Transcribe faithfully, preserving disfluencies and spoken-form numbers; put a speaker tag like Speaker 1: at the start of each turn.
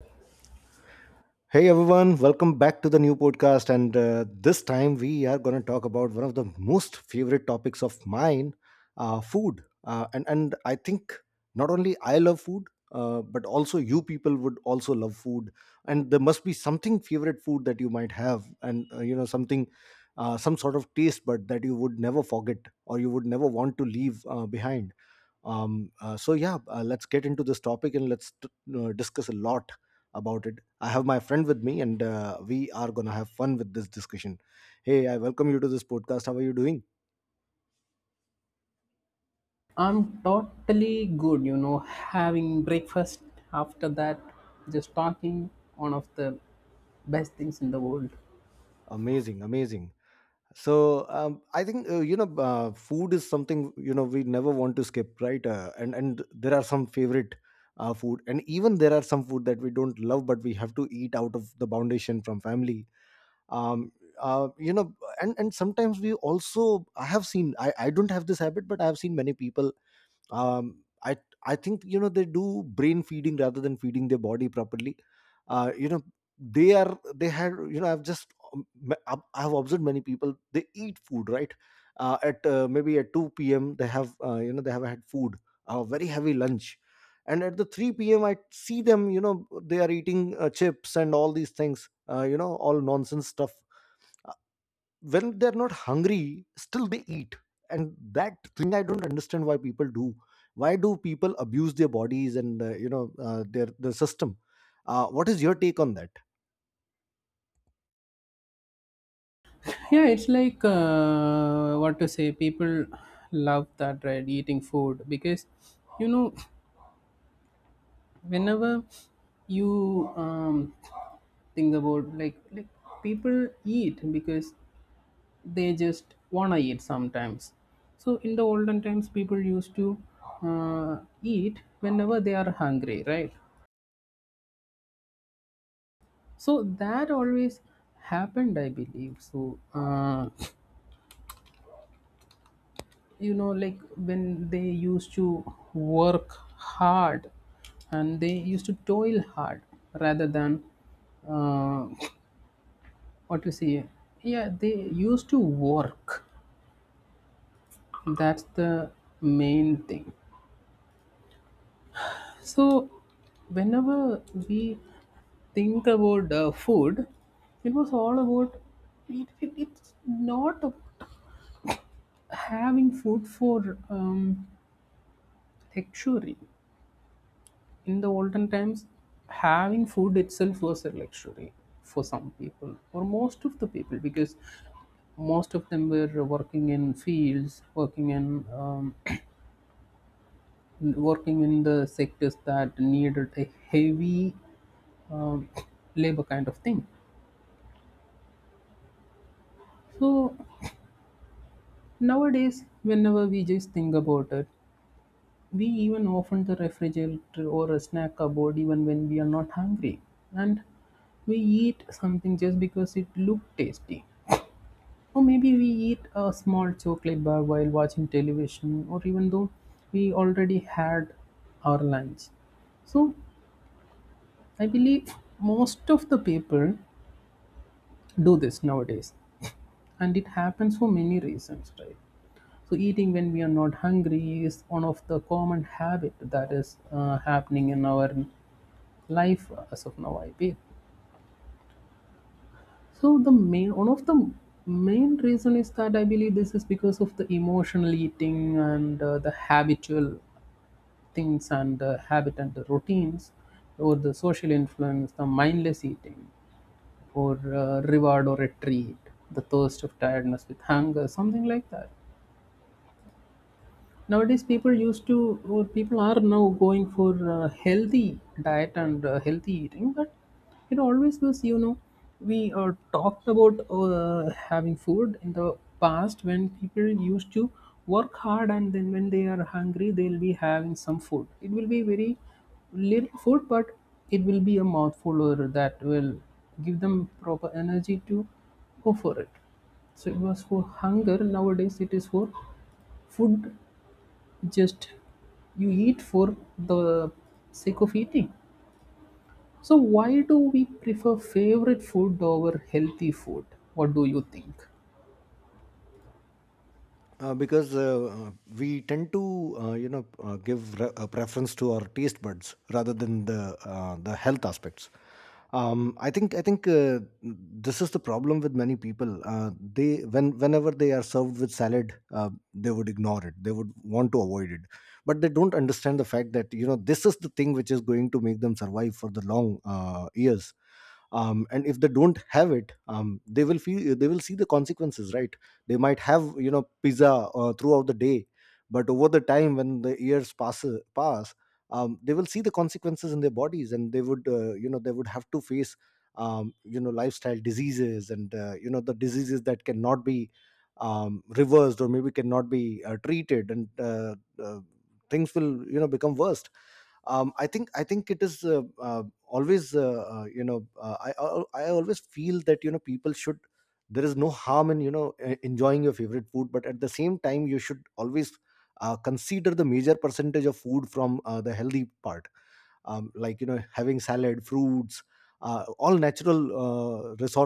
Speaker 1: Hey everyone, welcome back to the new podcast. And uh, this time we are going to talk about one of the most favorite topics of mine uh, food. Uh, and, and I think not only I love food, uh, but also you people would also love food. And there must be something favorite food that you might have, and uh, you know, something, uh, some sort of taste, bud that you would never forget or you would never want to leave uh, behind. Um, uh, so yeah, uh, let's get into this topic and let's t- uh, discuss a lot about it. I have my friend with me and uh, we are going to have fun with this discussion. Hey, I welcome you to this podcast. How are you doing?
Speaker 2: I'm totally good, you know, having breakfast after that, just talking, one of the best things in the world.
Speaker 1: Amazing, amazing. So um, I think, uh, you know uh, food is something, you know, we never want to skip, right? Uh, and and there are some favorite uh, food, and even there are some food that we don't love but we have to eat out of the foundation from family. um uh, you know and and sometimes we also, i have seen i i don't have this habit, but I have seen many people, um i I think, you know, they do brain feeding rather than feeding their body properly. uh you know they are, they had you know I've just um, m- I've I've observed many people. They eat food, right? uh, at uh, Maybe at two p.m they have, uh, you know they have had food, a very heavy lunch. And at the three p.m I see them, you know, they are eating uh, chips and all these things, uh, you know all nonsense stuff. When they're not hungry, still they eat. And that thing I don't understand, why people do, why do people abuse their bodies and uh, you know uh, their their system? Uh, what is your take on that?
Speaker 2: Yeah, it's like uh, what to say, people love that, right? Eating food because you know, whenever you um, think about like, like people eat because they just wanna eat sometimes. So in the olden times, people used to uh, eat whenever they are hungry, right? So that always happened, I believe so. Uh, you know like, when they used to work hard and they used to toil hard rather than uh, what to say yeah, they used to work. That's the main thing. So whenever we think about uh, food, it was all about it, it- it's not having food for um, like, luxury. In the olden times, having food itself was a luxury for some people, or most of the people, because most of them were working in fields, working in um, working in the sectors that needed a heavy um, labor kind of thing. So nowadays, whenever we just think about it, we even open the refrigerator or a snack cupboard even when we are not hungry. And we eat something just because it looked tasty. Or maybe we eat a small chocolate bar while watching television, or even though we already had our lunch. So I believe most of the people do this nowadays, and it happens for many reasons, right? So eating when we are not hungry is one of the common habit that is uh, happening in our life as of now, I feel. So the main, one of the main reason is that, I believe, this is because of the emotional eating, and uh, the habitual things, and the habit and the routines, or the social influence, the mindless eating, or uh, reward or a treat, the thirst of tiredness with hunger, something like that. Nowadays, people used to, or people are now going for uh, healthy diet and uh, healthy eating, but it always was, you know, we uh, talked about uh, having food in the past, when people used to work hard and then, when they are hungry, they'll be having some food. It will be very little food, but it will be a mouthful, or that will give them proper energy to go for it. So it was for hunger. Nowadays, it is for food. Just, you eat for the sake of eating. So why do we prefer favorite food over healthy food? What do you think?
Speaker 1: Uh, because uh, uh, We tend to, uh, you know uh, give re- a preference to our taste buds rather than the uh, the health aspects. Um, I think I think uh, This is the problem with many people. Uh, they, when whenever they are served with salad, uh, they would ignore it. They would want to avoid it, but they don't understand the fact that, you know, this is the thing which is going to make them survive for the long uh, years. Um, and if they don't have it, um, they will feel, they will see the consequences, right? They might have, you know, pizza uh, throughout the day, but over the time, when the years pass pass, um, they will see the consequences in their bodies, and they would, uh, you know they would have to face um, you know lifestyle diseases and, uh, you know the diseases that cannot be um, reversed or maybe cannot be uh, treated, and uh, uh, things will, you know, become worse. Um, I think I think it is uh, uh, always uh, uh, you know uh, I, I I always feel that, you know, people should, there is no harm in, you know, e- enjoying your favorite food, but at the same time you should always uh, consider the major percentage of food from uh, the healthy part. Um, like, you know, having salad, fruits, uh, all natural uh,